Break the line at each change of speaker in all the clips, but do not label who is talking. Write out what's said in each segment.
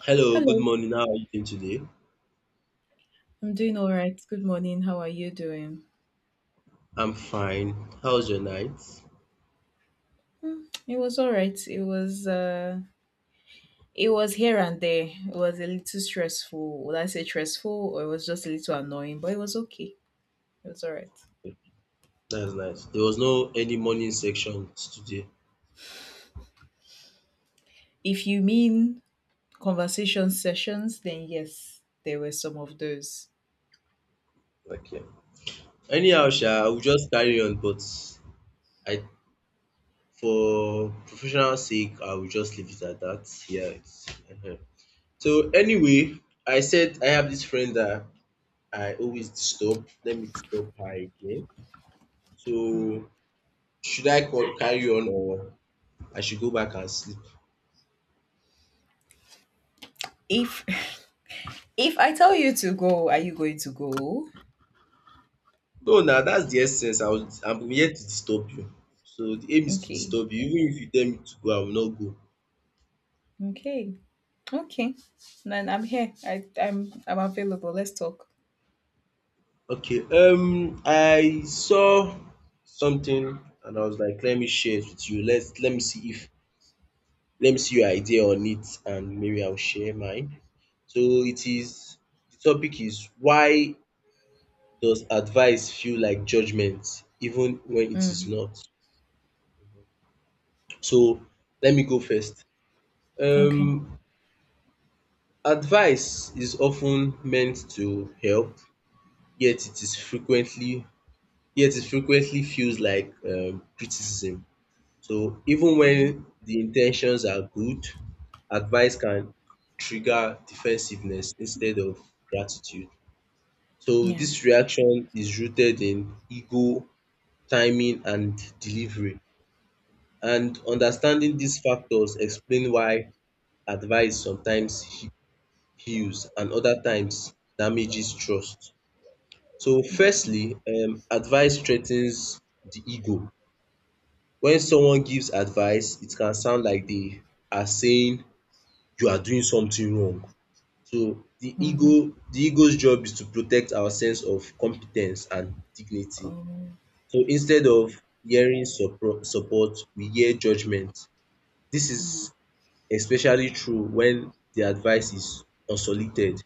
Hello, good
Hello.
morning. How are you doing today?
I'm doing all right. Good morning. How are you doing?
I'm fine. How's your night?
Hmm, it was all right. It was here and there. It was a little stressful. Would I say stressful, or it was just a little annoying, but it was okay. It was all right.
That's nice. There was no any morning section today.
If you mean conversation sessions, then yes, there were some of those.
Okay. Anyhow,
Mm,
sha, I will just carry on, but I for professional sake, I will just leave it at that. Yeah. Uh So anyway, I said I have this friend that I always disturb. Let me disturb her again. So
mm.
should I call, carry on or I should go back and sleep?
If if I tell you to go, are you going to go?
No, now that's the essence. I'm here to disturb you. So the aim is to
Okay.
disturb you. Even if you tell me to go, I will not go.
Okay. Okay. Then I'm here. I'm available. Let's talk.
Okay, I saw something and I was like, let me share it with you. Let me see if let me see your idea on it and maybe I'll share mine. So it is the topic is, why does advice feel like judgment even when it is
Mm,
not? So let me go first.
okay.
Um Advice is often meant to help, yet it is frequently yet it frequently feels like criticism. So even when the intentions are good, advice can trigger defensiveness instead of gratitude. So
Yeah.
this reaction is rooted in ego, timing and delivery. And understanding these factors explain why advice sometimes heals and other times damages trust. So firstly, advice threatens the ego. When someone gives advice, it can sound like they are saying you are doing something wrong. So
Mm-hmm.
the ego's job is to protect our sense of competence and dignity.
Oh.
So instead of hearing supro support, we hear judgement. This is especially true when the advice is unsolicited.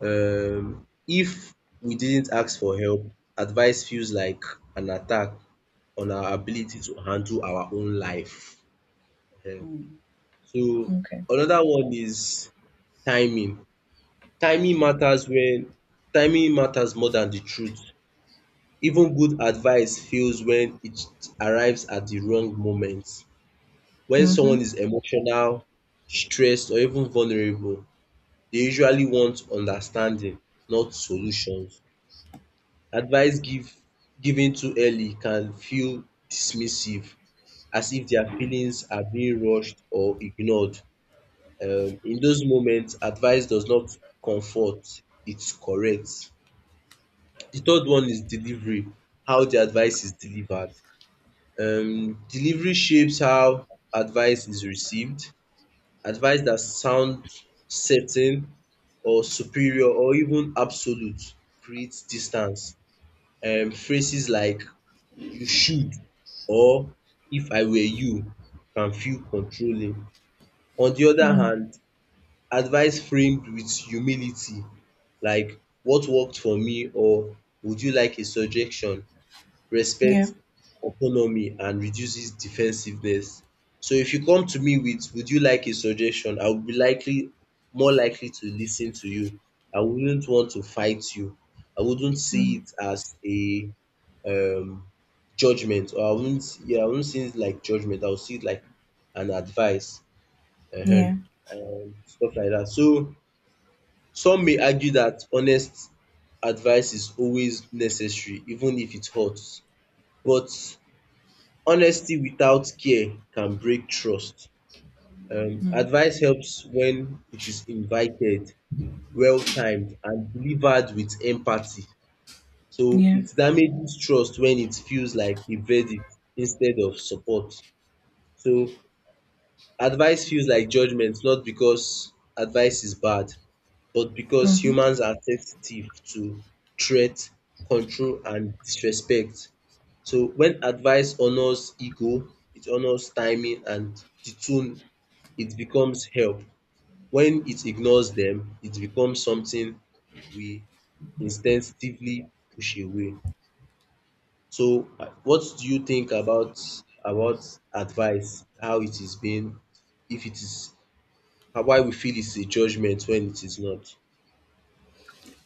If we didn't ask for help, advice feels like an attack on our ability to handle our own life. um
Mm-hmm.
So
Okay.
another one is timing. Timing matters when Timing matters more than the truth. Even good advice fails when it arrives at the wrong moment. When
Mm-hmm.
someone is emotional, stressed or even vulnerable, they usually want understanding, not solutions. Advice given too early can feel dismissive, as if their feelings are being rushed or ignored. In those moments, advice does not comfort, it corrects. The third one is delivery, how the advice is delivered. Delivery shapes how advice is received. Advice that sounds certain or superior or even absolute creates distance. Phrases like "you should" or "if I were you" can feel controlling. On the other
Mm.
hand, advice framed with humility, like "what worked for me" or "would you like a suggestion,"
Yeah.
respects autonomy and reduces defensiveness. So if you come to me with "would you like a suggestion," I would be likely more likely to listen to you. I wouldn't want to fight you. I wouldn't see
Mm.
it as a um judgement, or I wouldn't yeah, I wouldn't see it like judgement. I would see it like an advice,
Yeah.
um and stuff like that. So some may argue that honest advice is always necessary even if it hurts. But honesty without care can break trust. Advice helps when it is invited, well timed and delivered with empathy. So
Yeah.
it damages trust when it feels like a verdict instead of support. So advice feels like judgment, not because advice is bad, but because
Mm-hmm.
humans are sensitive to threat, control, and disrespect. So when advice honors ego, it honors timing and the tune, it becomes help. When it ignores them, it becomes something we instinctively push away. So what do you think about advice, how it is being, if it is, and why we feel it's a judgment when it is not?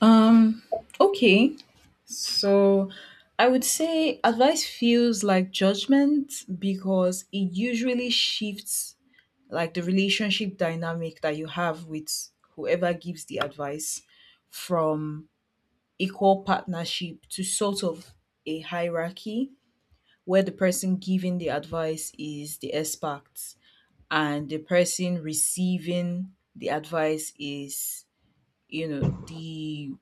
Um. Okay. So, I would say advice feels like judgment because it usually shifts like the relationship dynamic that you have with whoever gives the advice from equal partnership to sort of a hierarchy where the person giving the advice is the expert, and the person receiving the advice is, you know, the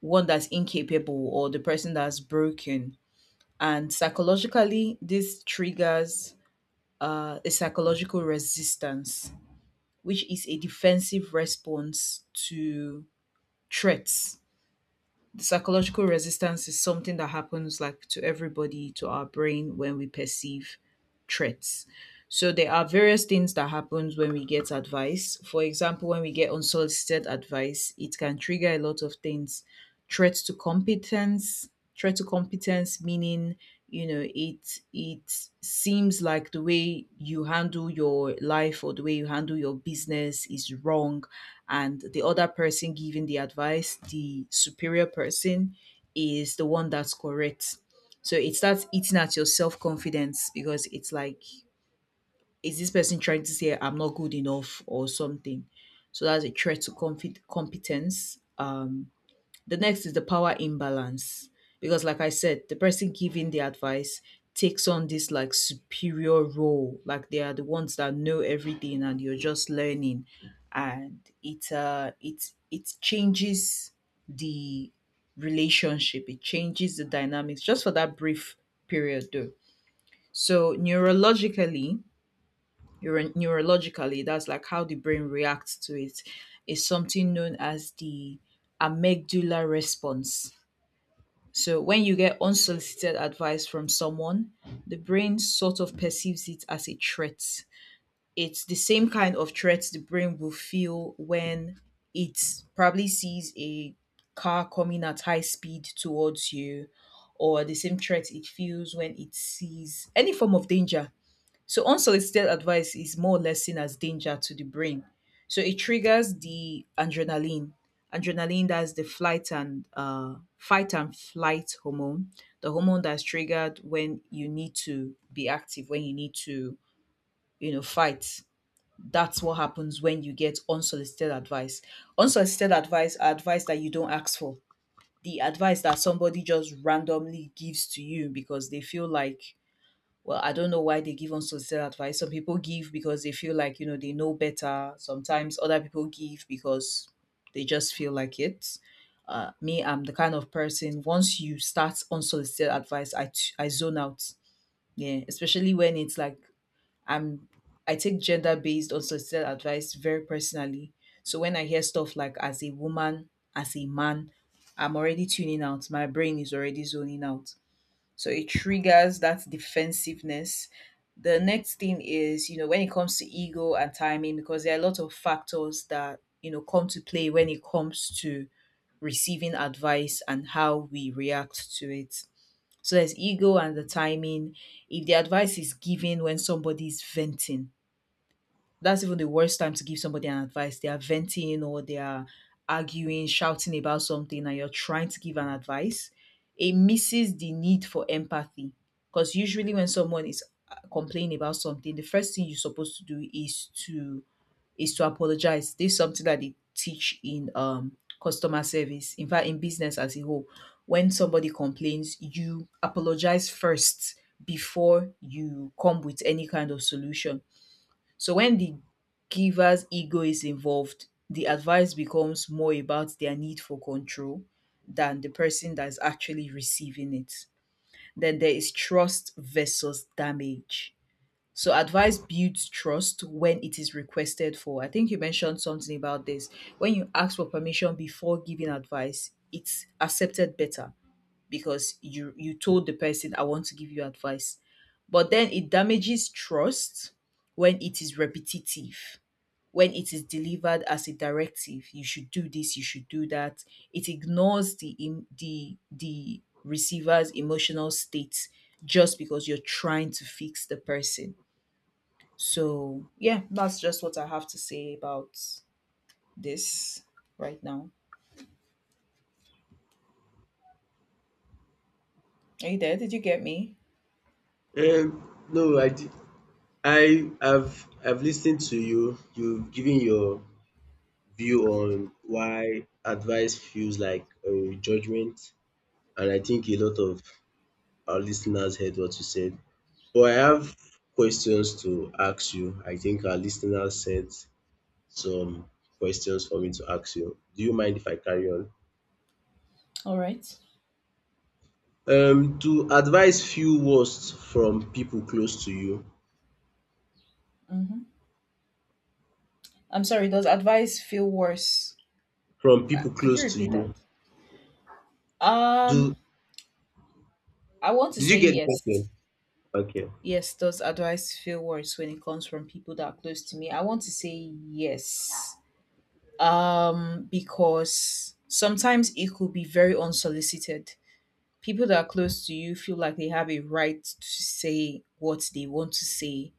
one that's incapable, or the person that's broken. And psychologically, this triggers a psychological resistance, which is a defensive response to threats. Psychological resistance is something that happens like to everybody, to our brain, when we perceive threats. So there are various things that happens when we get advice. For example, when we get unsolicited advice, it can trigger a lot of things. Threats to competence. Threat to competence meaning, you know, it seems like the way you handle your life or the way you handle your business is wrong, and the other person giving the advice, the superior person, is the one that's correct. So it starts eating at your self confidence because it's like, is this person trying to say I'm not good enough or something? So that's a threat to competence. The next is the power imbalance. Because, like I said, the person giving the advice takes on this like superior role. Like they are the ones that know everything and you're just learning. And it changes the relationship, it changes the dynamics just for that brief period though. So neurologically, neurologically, that's like how the brain reacts to it, is something known as the amygdala response. So when you get unsolicited advice from someone, the brain sort of perceives it as a threat. It's the same kind of threat the brain will feel when it probably sees a car coming at high speed towards you, or the same threat it feels when it sees any form of danger. So unsolicited advice is more or less seen as danger to the brain. So it triggers the adrenaline. Adrenaline, that's the flight and fight and flight hormone, the hormone that's triggered when you need to be active, when you need to, you know, fight. That's what happens when you get unsolicited advice. Unsolicited advice are advice that you don't ask for. The advice that somebody just randomly gives to you because they feel like, well, I don't know why they give unsolicited advice. Some people give because they feel like, you know, they know better. Sometimes other people give because they just feel like it. Me, I'm the kind of person, once you start unsolicited advice, I, I zone out. Yeah, especially when it's like I'm, I take gender based unsolicited advice very personally. So when I hear stuff like as a woman, as a man, I'm already tuning out. My brain is already zoning out. So it triggers that defensiveness. The next thing is, you know, when it comes to ego and timing, because there are a lot of factors that, you know, come to play when it comes to receiving advice and how we react to it. So there's ego and the timing. If the advice is given when somebody's venting, that's even the worst time to give somebody an advice. They are venting, or they are arguing, shouting about something, and you're trying to give an advice. It misses the need for empathy. Because usually, when someone is complaining about something, the first thing you're supposed to do is to apologize. This is something that they teach in customer service. In fact, in business as a whole, when somebody complains, you apologize first before you come with any kind of solution. So when the giver's ego is involved, the advice becomes more about their need for control than the person that's actually receiving it. Then there is trust versus damage. So advice builds trust when it is requested for. I think you mentioned something about this. When you ask for permission before giving advice, it's accepted better because you told the person I want to give you advice. But then it damages trust when it is repetitive, when it is delivered as a directive, you should do this, you should do that, it ignores the em- the receiver's emotional state, just because you're trying to fix the person. So yeah, that's just what I have to say about this right now. Are you there? Did you get me?
No, I, di- I have I've listened to you. You've given your view on why advice feels like a judgment, and I think a lot of our listeners heard what you said. But I have questions to ask you. I think our listeners sent some questions for me to ask you. Do you mind if I carry on?
All right.
Do advice feel worse from people close to you?
Mm-hmm. I'm sorry, does advice feel worse?
From people
Could you
close to
repeat that?
you.
um
Do
I want to
Did you
say
get the question?
yes.
Okay,
Yes, does advice feel worse when it comes from people that are close to me? I want to say yes. Because sometimes it could be very unsolicited. People that are close to you feel like they have a right to say what they want to say,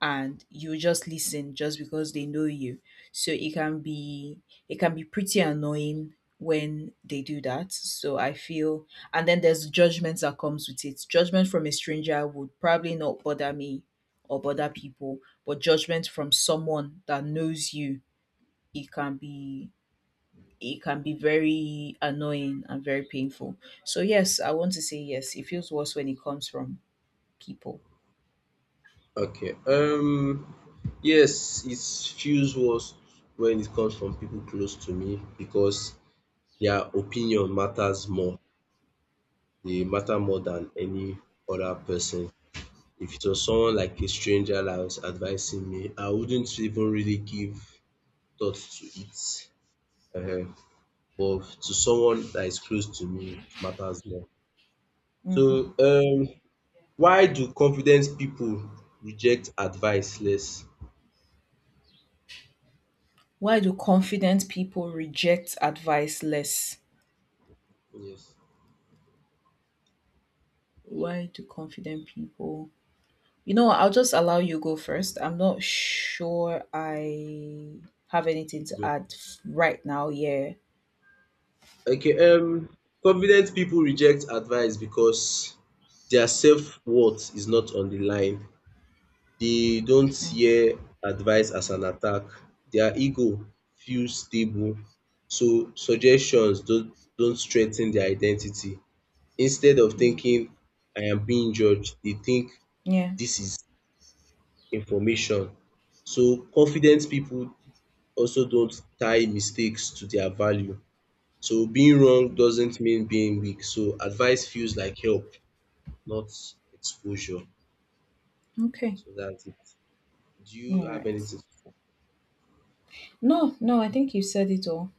and you just listen just because they know you. So it can be pretty annoying when they do that. So I feel, and then there's judgments that comes with it. Judgment from a stranger would probably not bother me or bother people, but judgment from someone that knows you, it can be it can be very annoying and very painful. So yes, I want to say yes. It feels worse when it comes from people.
okay. Yes, it feels worse when it comes from people close to me because their opinion matters more. They matter more than any other person. If it was someone like a stranger that was advising me, I wouldn't even really give thought to it. Uh, but to someone that is close to me, it matters more.
Mhm.
So why do confident people reject advice less?
Why do confident people reject advice less?
Yes.
Why do confident people? You know, what, I'll just allow you go first. I'm not sure I have anything to
Good.
add right now. Yeah.
Okay, confident people reject advice because their self-worth is not on the line. They don't
Mm,
hear advice as an attack. Their ego feels stable, so suggestions don't threaten their identity. Instead of
mhm.
thinking "I am being judged," they think,
Yeah.
"this is information." So confident people also don't tie mistakes to their value. So being wrong doesn't mean being weak. So advice feels like help, not exposure.
Okay.
So that's it. Do you
All
have
right.
anything to say?
No, no, I think you said it all.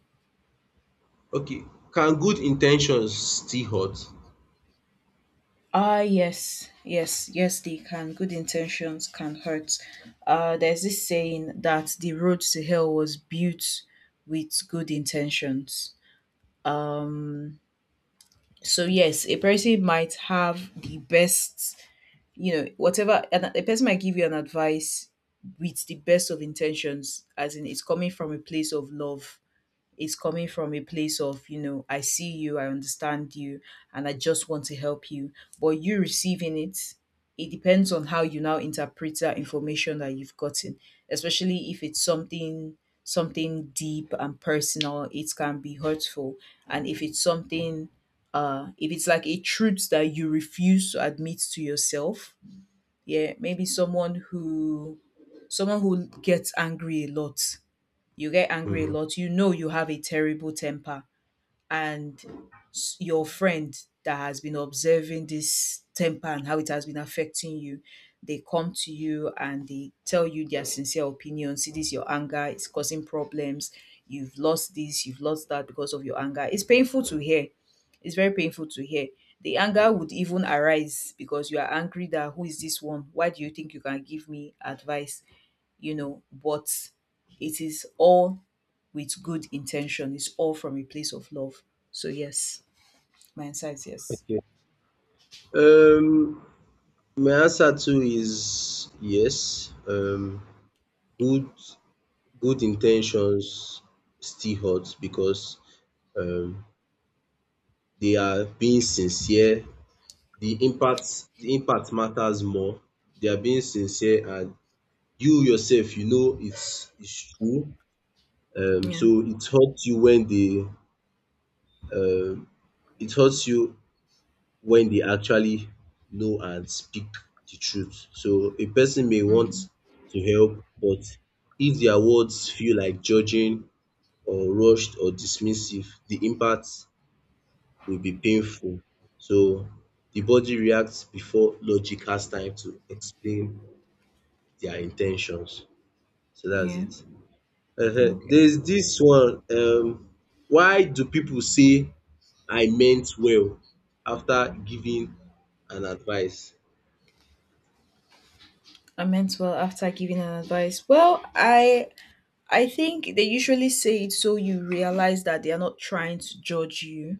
Okay. Can good intentions still hurt?
Ah, yes, yes, yes, they can. Good intentions can hurt. There's this saying that the road to hell was built with good intentions. So yes, a person might have the best, you know, whatever, and a person might give you an advice with the best of intentions, as in it's coming from a place of love, it's coming from a place of, you know, I see you, I understand you, and I just want to help you. But you receiving it, it depends on how you now interpret that information that you've gotten, especially if it's something deep and personal, it can be hurtful. And if it's something, if it's like a truth that you refuse to admit to yourself, yeah, maybe someone who gets angry a lot, you get angry a
Hmm.
lot, you know you have a terrible temper, and your friend that has been observing this temper and how it has been affecting you, they come to you and they tell you their sincere opinion. See, this your anger, it's causing problems. You've lost this, you've lost that because of your anger. It's painful to hear. It's very painful to hear. The anger would even arise because you are angry that who is this one? Why do you think you can give me advice? You know, but it is all with good intention. It's all from a place of love. So yes, my insight is yes.
Okay. Um, my answer to is yes. Good good intentions still hurt because um they are being sincere. The impact matters more. They are being sincere and you yourself, it's true. Um
Yeah.
so it hurts you when um it hurts you they actually know and speak the truth. So a person may want
Mm.
to help, but if their words feel like judging or rushed or dismissive, the impact will be painful. So the body reacts before logic has time to explain their intentions. So that's
Yeah.
it. There
Okay.
is this one. Why do people say "I meant well" after giving an advice?
I meant well after giving an advice. Well, I think they usually say it so you realize that they are not trying to judge you,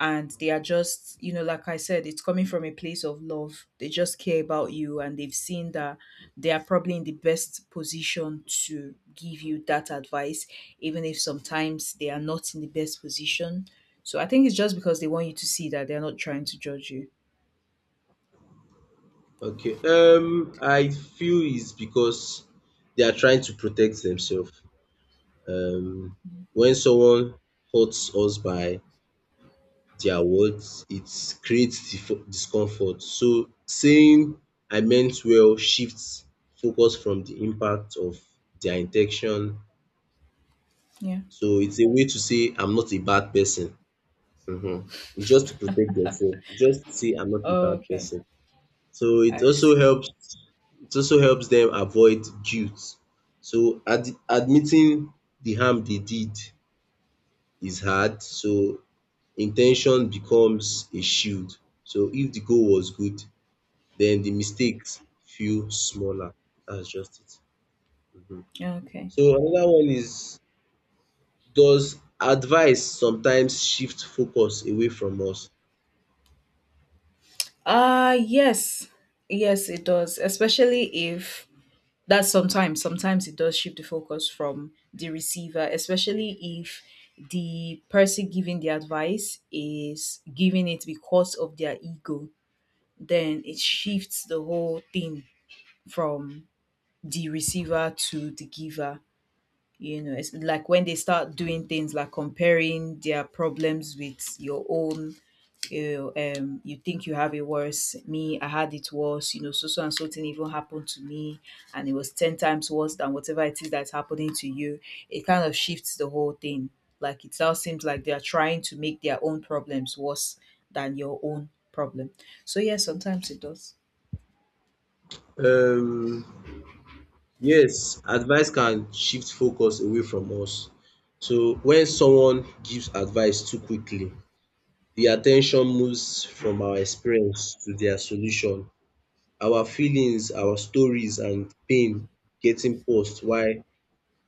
and they are just, you know, like I said, it's coming from a place of love. They just care about you and they've seen that they are probably in the best position to give you that advice, even if sometimes they are not in the best position. So I think it's just because they want you to see that they're not trying to judge you.
Okay, I feel is because they are trying to protect themselves. Um when someone hurts us by their words, it creates discomfort. So saying "I meant well" shifts focus from the impact of their intention.
Yeah.
So it's a way to say, "I'm not a bad person." Mhm. It's just to protect yourself. It's just to say, "I'm not a bad
Okay.
person." So it
I
also
see.
helps. It also helps them avoid guilt. So admitting the harm they did is hard. So intention becomes a shield. So if the goal was good, then the mistakes feel smaller. That's just it. Mhm.
Okay.
So another one is, does advice sometimes shift focus away from us?
Yes. Yes, it does. Especially if That's sometimes, sometimes it does shift the focus from the receiver, especially if the person giving the advice is giving it because of their ego. Then it shifts the whole thing from the receiver to the giver. You know, it's like when they start doing things like comparing their problems with your own. You think you have it worse. Me, I had it worse. So so and so thing even happened to me, and it was 10 times worse than whatever it is that's happening to you. It kind of shifts the whole thing. Like, it now seems like they are trying to make their own problems worse than your own problem. So yes, sometimes it does.
um Yes, advice can shift focus away from us. So when someone gives advice too quickly, the attention moves from our experience to their solution. Our feelings, our stories and pain getting paused while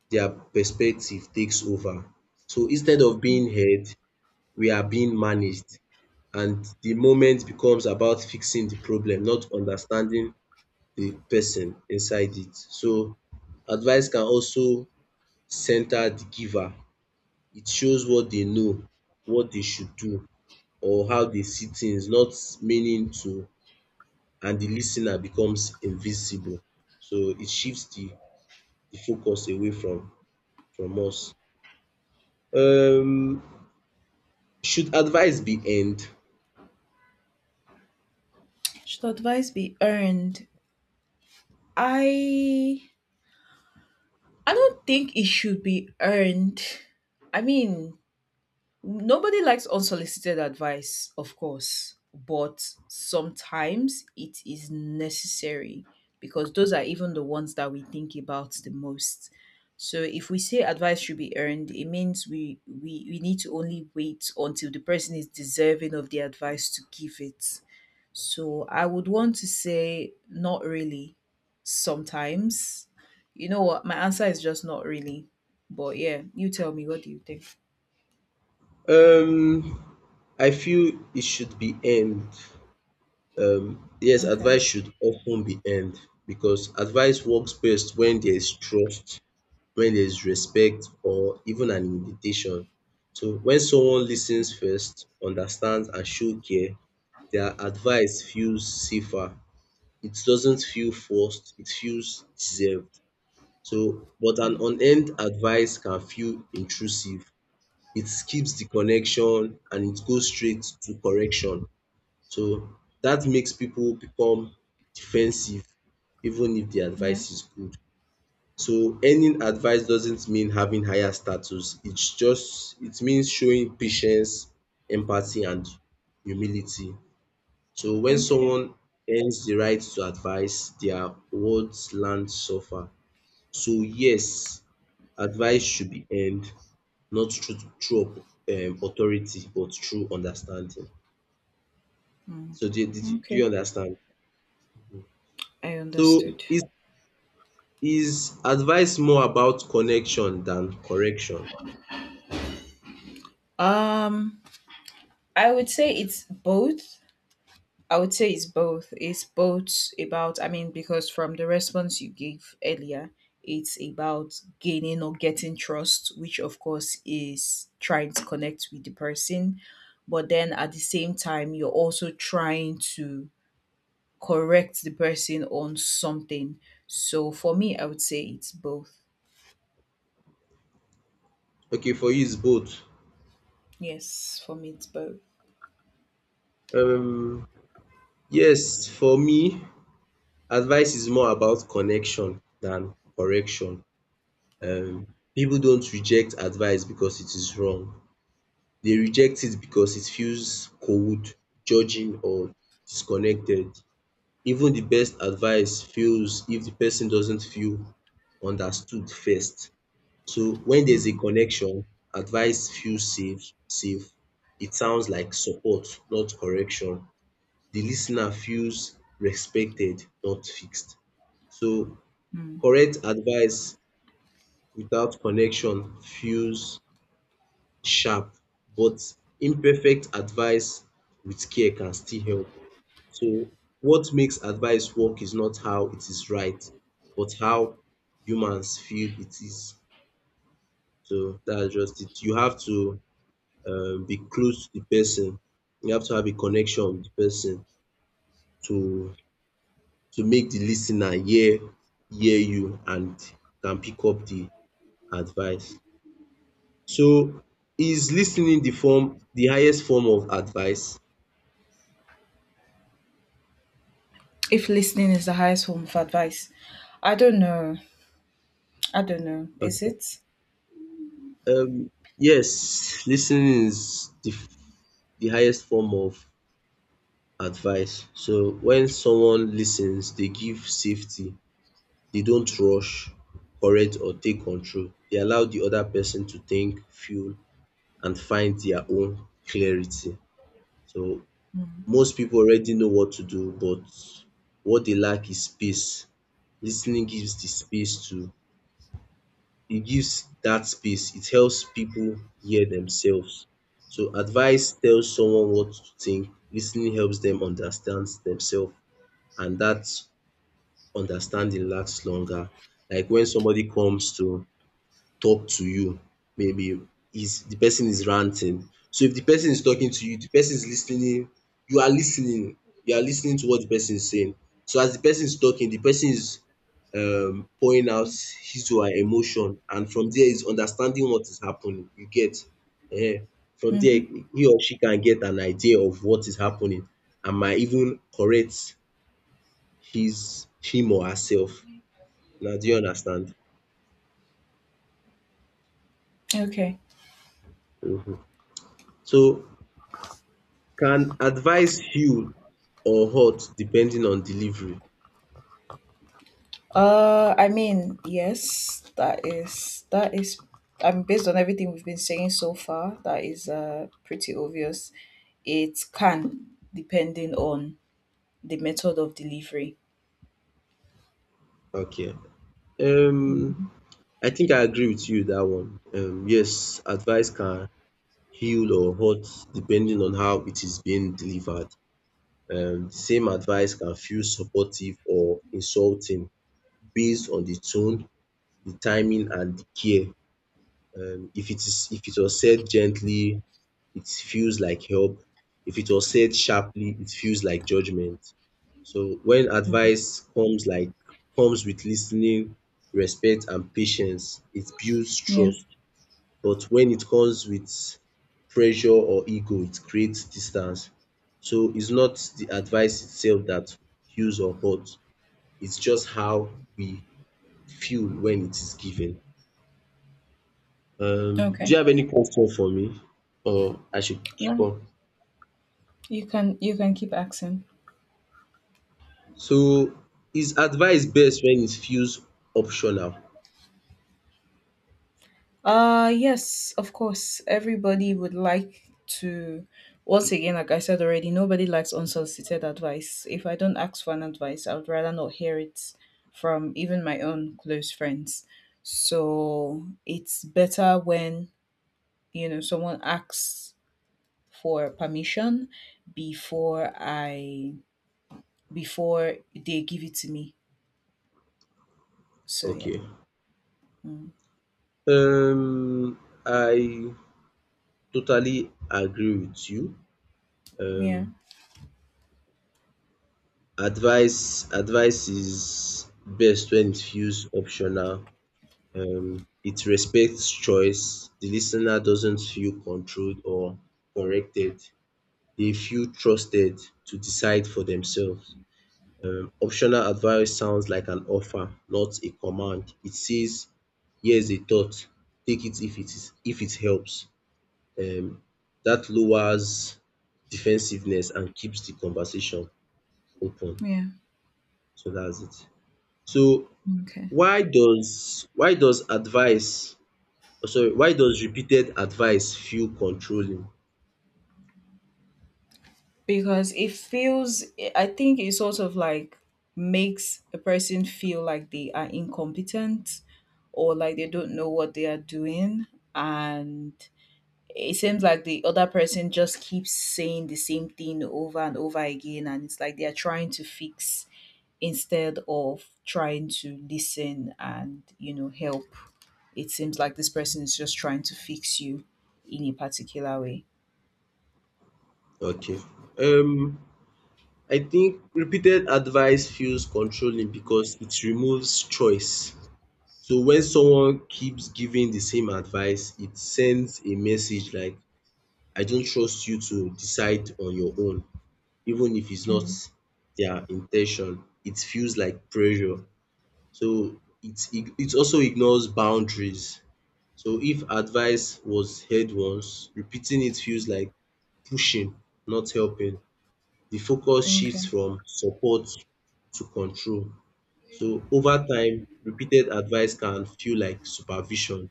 their perspective takes over. So instead of being heard, we are being managed, and the moment becomes about fixing the problem, not understanding the person inside it. So advice can also center the giver. It shows what they know, what they should do or how they see things, not meaning to, and the listener becomes invisible. So it shifts the focus away from us. Um should advice be end?
Should advice be earned? I i don't think it should be earned. I mean, nobody likes unsolicited advice, of course, but sometimes it is necessary because those are even the ones that we think about the most. So if we say advice should be earned, it means we need to only wait until the person is deserving of the advice to give it. So I would want to say not really, sometimes. You know what? My answer is just not really. But yeah, you tell me. What do you think?
Um I feel it should be end. Yes,
Okay.
advice should often be earned because advice works best when there is trust, when there is respect, or even an invitation. So when someone listens first, understands, and show care, their advice feels safer. It doesn't feel forced, it feels deserved. So, but an unearned advice can feel intrusive. It skips the connection and it goes straight to correction. So that makes people become defensive even if the
Yeah.
advice is good. So earning advice doesn't mean having higher status. It's just it means showing patience, empathy and humility. So when
Okay.
someone earns the right to advice, their words land suffer. So yes, advice should be earned, not through through authority, but through understanding. So do you
Okay,
understand?
I
So
understood.
it's is advice more about connection than correction?
Um, I would say it's both. I would say it's both. It's both about, I mean, because from the response you gave earlier, it's about gaining or getting trust, which of course is trying to connect with the person. But then at the same time, you're also trying to correct the person on something. So for me, I would say it's both.
Okay, for you it's both.
Yes, for me, it's both.
Um, yes, for me, advice is more about connection than correction. Um, people don't reject advice because it is wrong. They reject it because it feels cold, judging, or disconnected. Even the best advice fails if the person doesn't feel understood first. So when there's a
Mm.
connection, advice feels safe. It sounds like support, not correction. The listener feels respected, not fixed. So correct advice without connection feels sharp, but imperfect advice with care can still help. So what makes advice work is not how it is right, but how humans feel it is. So that's just it. You have to be close to the person. You have to have a connection with the person to to make the listener hear you and can pick up the advice. So is listening the highest form of advice?
If listening is the highest form of advice, I don't know. I don't know. Is
Okay.
it?
Um yes, listening is the highest form of advice. So when someone listens, they give safety. They don't rush, correct or take control. They allow the other person to think, feel and find their own clarity. So most people already know what to do, but what they lack is space. Lis ten ing gives the space to, it gives that space. It helps people hear themselves. So advice tells someone what to think, lis ten ing helps them understand themselves, and that understanding lasts longer. Like when somebody comes to talk to you, maybe is the person is ranting. So if the person is talking to you, the person is listening. You are listening. You are listening to what the person is saying. So as the person is talking, the person is pouring out his or her emotion, and from there is understanding what is happening. You get? um From there
Mm-hmm.
he or she can get an idea of what is happening and might even correct his him or herself. Now do you understand?
Okay.
So can advise heal or hurt depending on delivery.
I mean, yes, that is, that is. I mean, based on everything we've been saying so far, that is pretty obvious. It can, depending on the method of delivery.
Okay. Um I think I agree with you that one. Yes, advice can heal or hurt depending on how it is being delivered. The same advice can feel supportive or insulting based on the tone, the timing and the care. If it is if it was said gently, it feels like help. If it was said sharply, it feels like judgment. So when advice comes like comes with listening, respect and patience, it builds
Yeah.
trust. But when it comes with pressure or ego, it creates distance. So it's not the advice itself that heals or hurts. It's just how we feel when it is given. Do you
Okay.
have any question for me? Or I should keep
No,
on?
you can keep asking.
So is advice best when it feels optional?
Yes, of course. Everybody would like to, once again, like I said already, nobody likes unsolicited advice. If I don't ask for an advice, I would rather not hear it from even my own close friends. So it's better when, you know, someone asks for permission before I before they give it to me. So yeah.
Okay.
Mm.
um I totally agree with you.
Yeah.
um advice is best when it feels optional. It respects choice. The listener doesn't feel controlled or corrected. They feel trusted to decide for themselves. Optional advice sounds like an offer, not a command. It says, here's a thought, take it if it helps. um Dat lowers defensiveness and keeps the conversation open.
Yeah.
So that's it. So
Okay.
why does advice oh, sorry, why does repeated advice feel controlling?
Because it feels, I think it sort of like makes a person feel like they are incompetent, or like they don't know what they are doing. And it seems like the other person just keeps saying the same thing over and over again, and it's like they are trying to fix instead of trying to listen and, you know, help. It seems like this person is just trying to fix you in a particular way.
Okay. um I think repeated advice feels controlling because it removes choice. So when someone keeps giving the same advice, it sends a message like I don't trust you to decide on your own. Even if it's not
Mm,
their intention, it feels like pressure. So it also ignores boundaries. So if advice was heard once, repeating it feels like pushing, not helping. The focus shifts
okay.
from support to control. So over time, repeated advice can feel like supervision.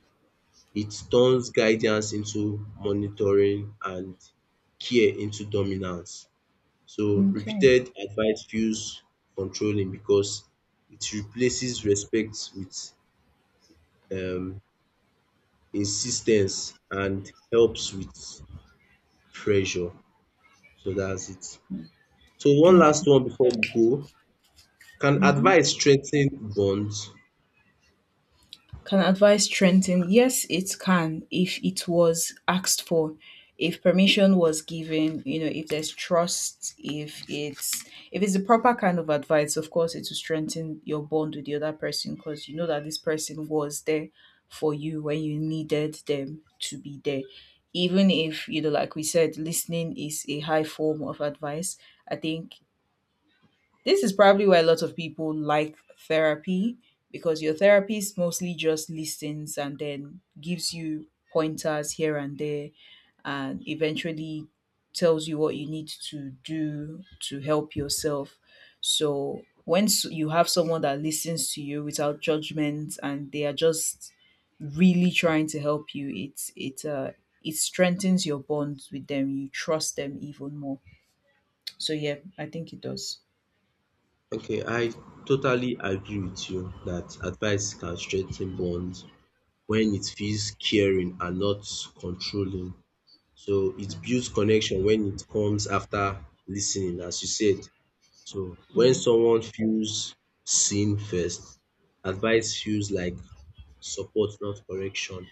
It turns guidance into monitoring and care into dominance. So
Okay.
repeated advice feels controlling because it replaces respect with um insis and helps with pressure. So that's it. So one last
Okay.
one before we go. Can
Hmm.
advice strengthen bonds?
Can advice strengthen? Yes, it can. If it was asked for, if permission was given, you know, if there's trust, if it's the proper kind of advice, of course it will strengthen your bond with the other person because you know that this person was there for you when you needed them to be there. Even if, you know, like we said, listening is a high form of advice. I think this is probably why a lot of people like therapy, because your therapist mostly just listens and then gives you pointers here and there, and eventually tells you what you need to do to help yourself. So, once you have someone that listens to you without judgment and they are just really trying to help you, it it strengthens your bonds with them. You trust them even more. So yeah, I think it does.
Okay, I totally agree with you that advice can strengthen bonds when it feels caring and not controlling. So it
Mhm.
builds connection when it comes after listening, as you said. So when
Yeah.
someone feels seen first, advice feels like support, not correction.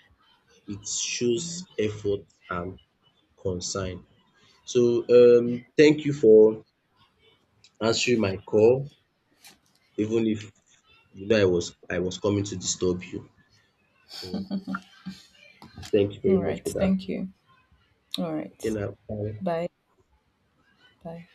It shows effort and concern. So thank you for answering my call, even if you know I was coming to disturb you. So thank you very
All
much
right.
for that.
Thank you. All
Okay
right.
now. Bye.
Bye. Bye.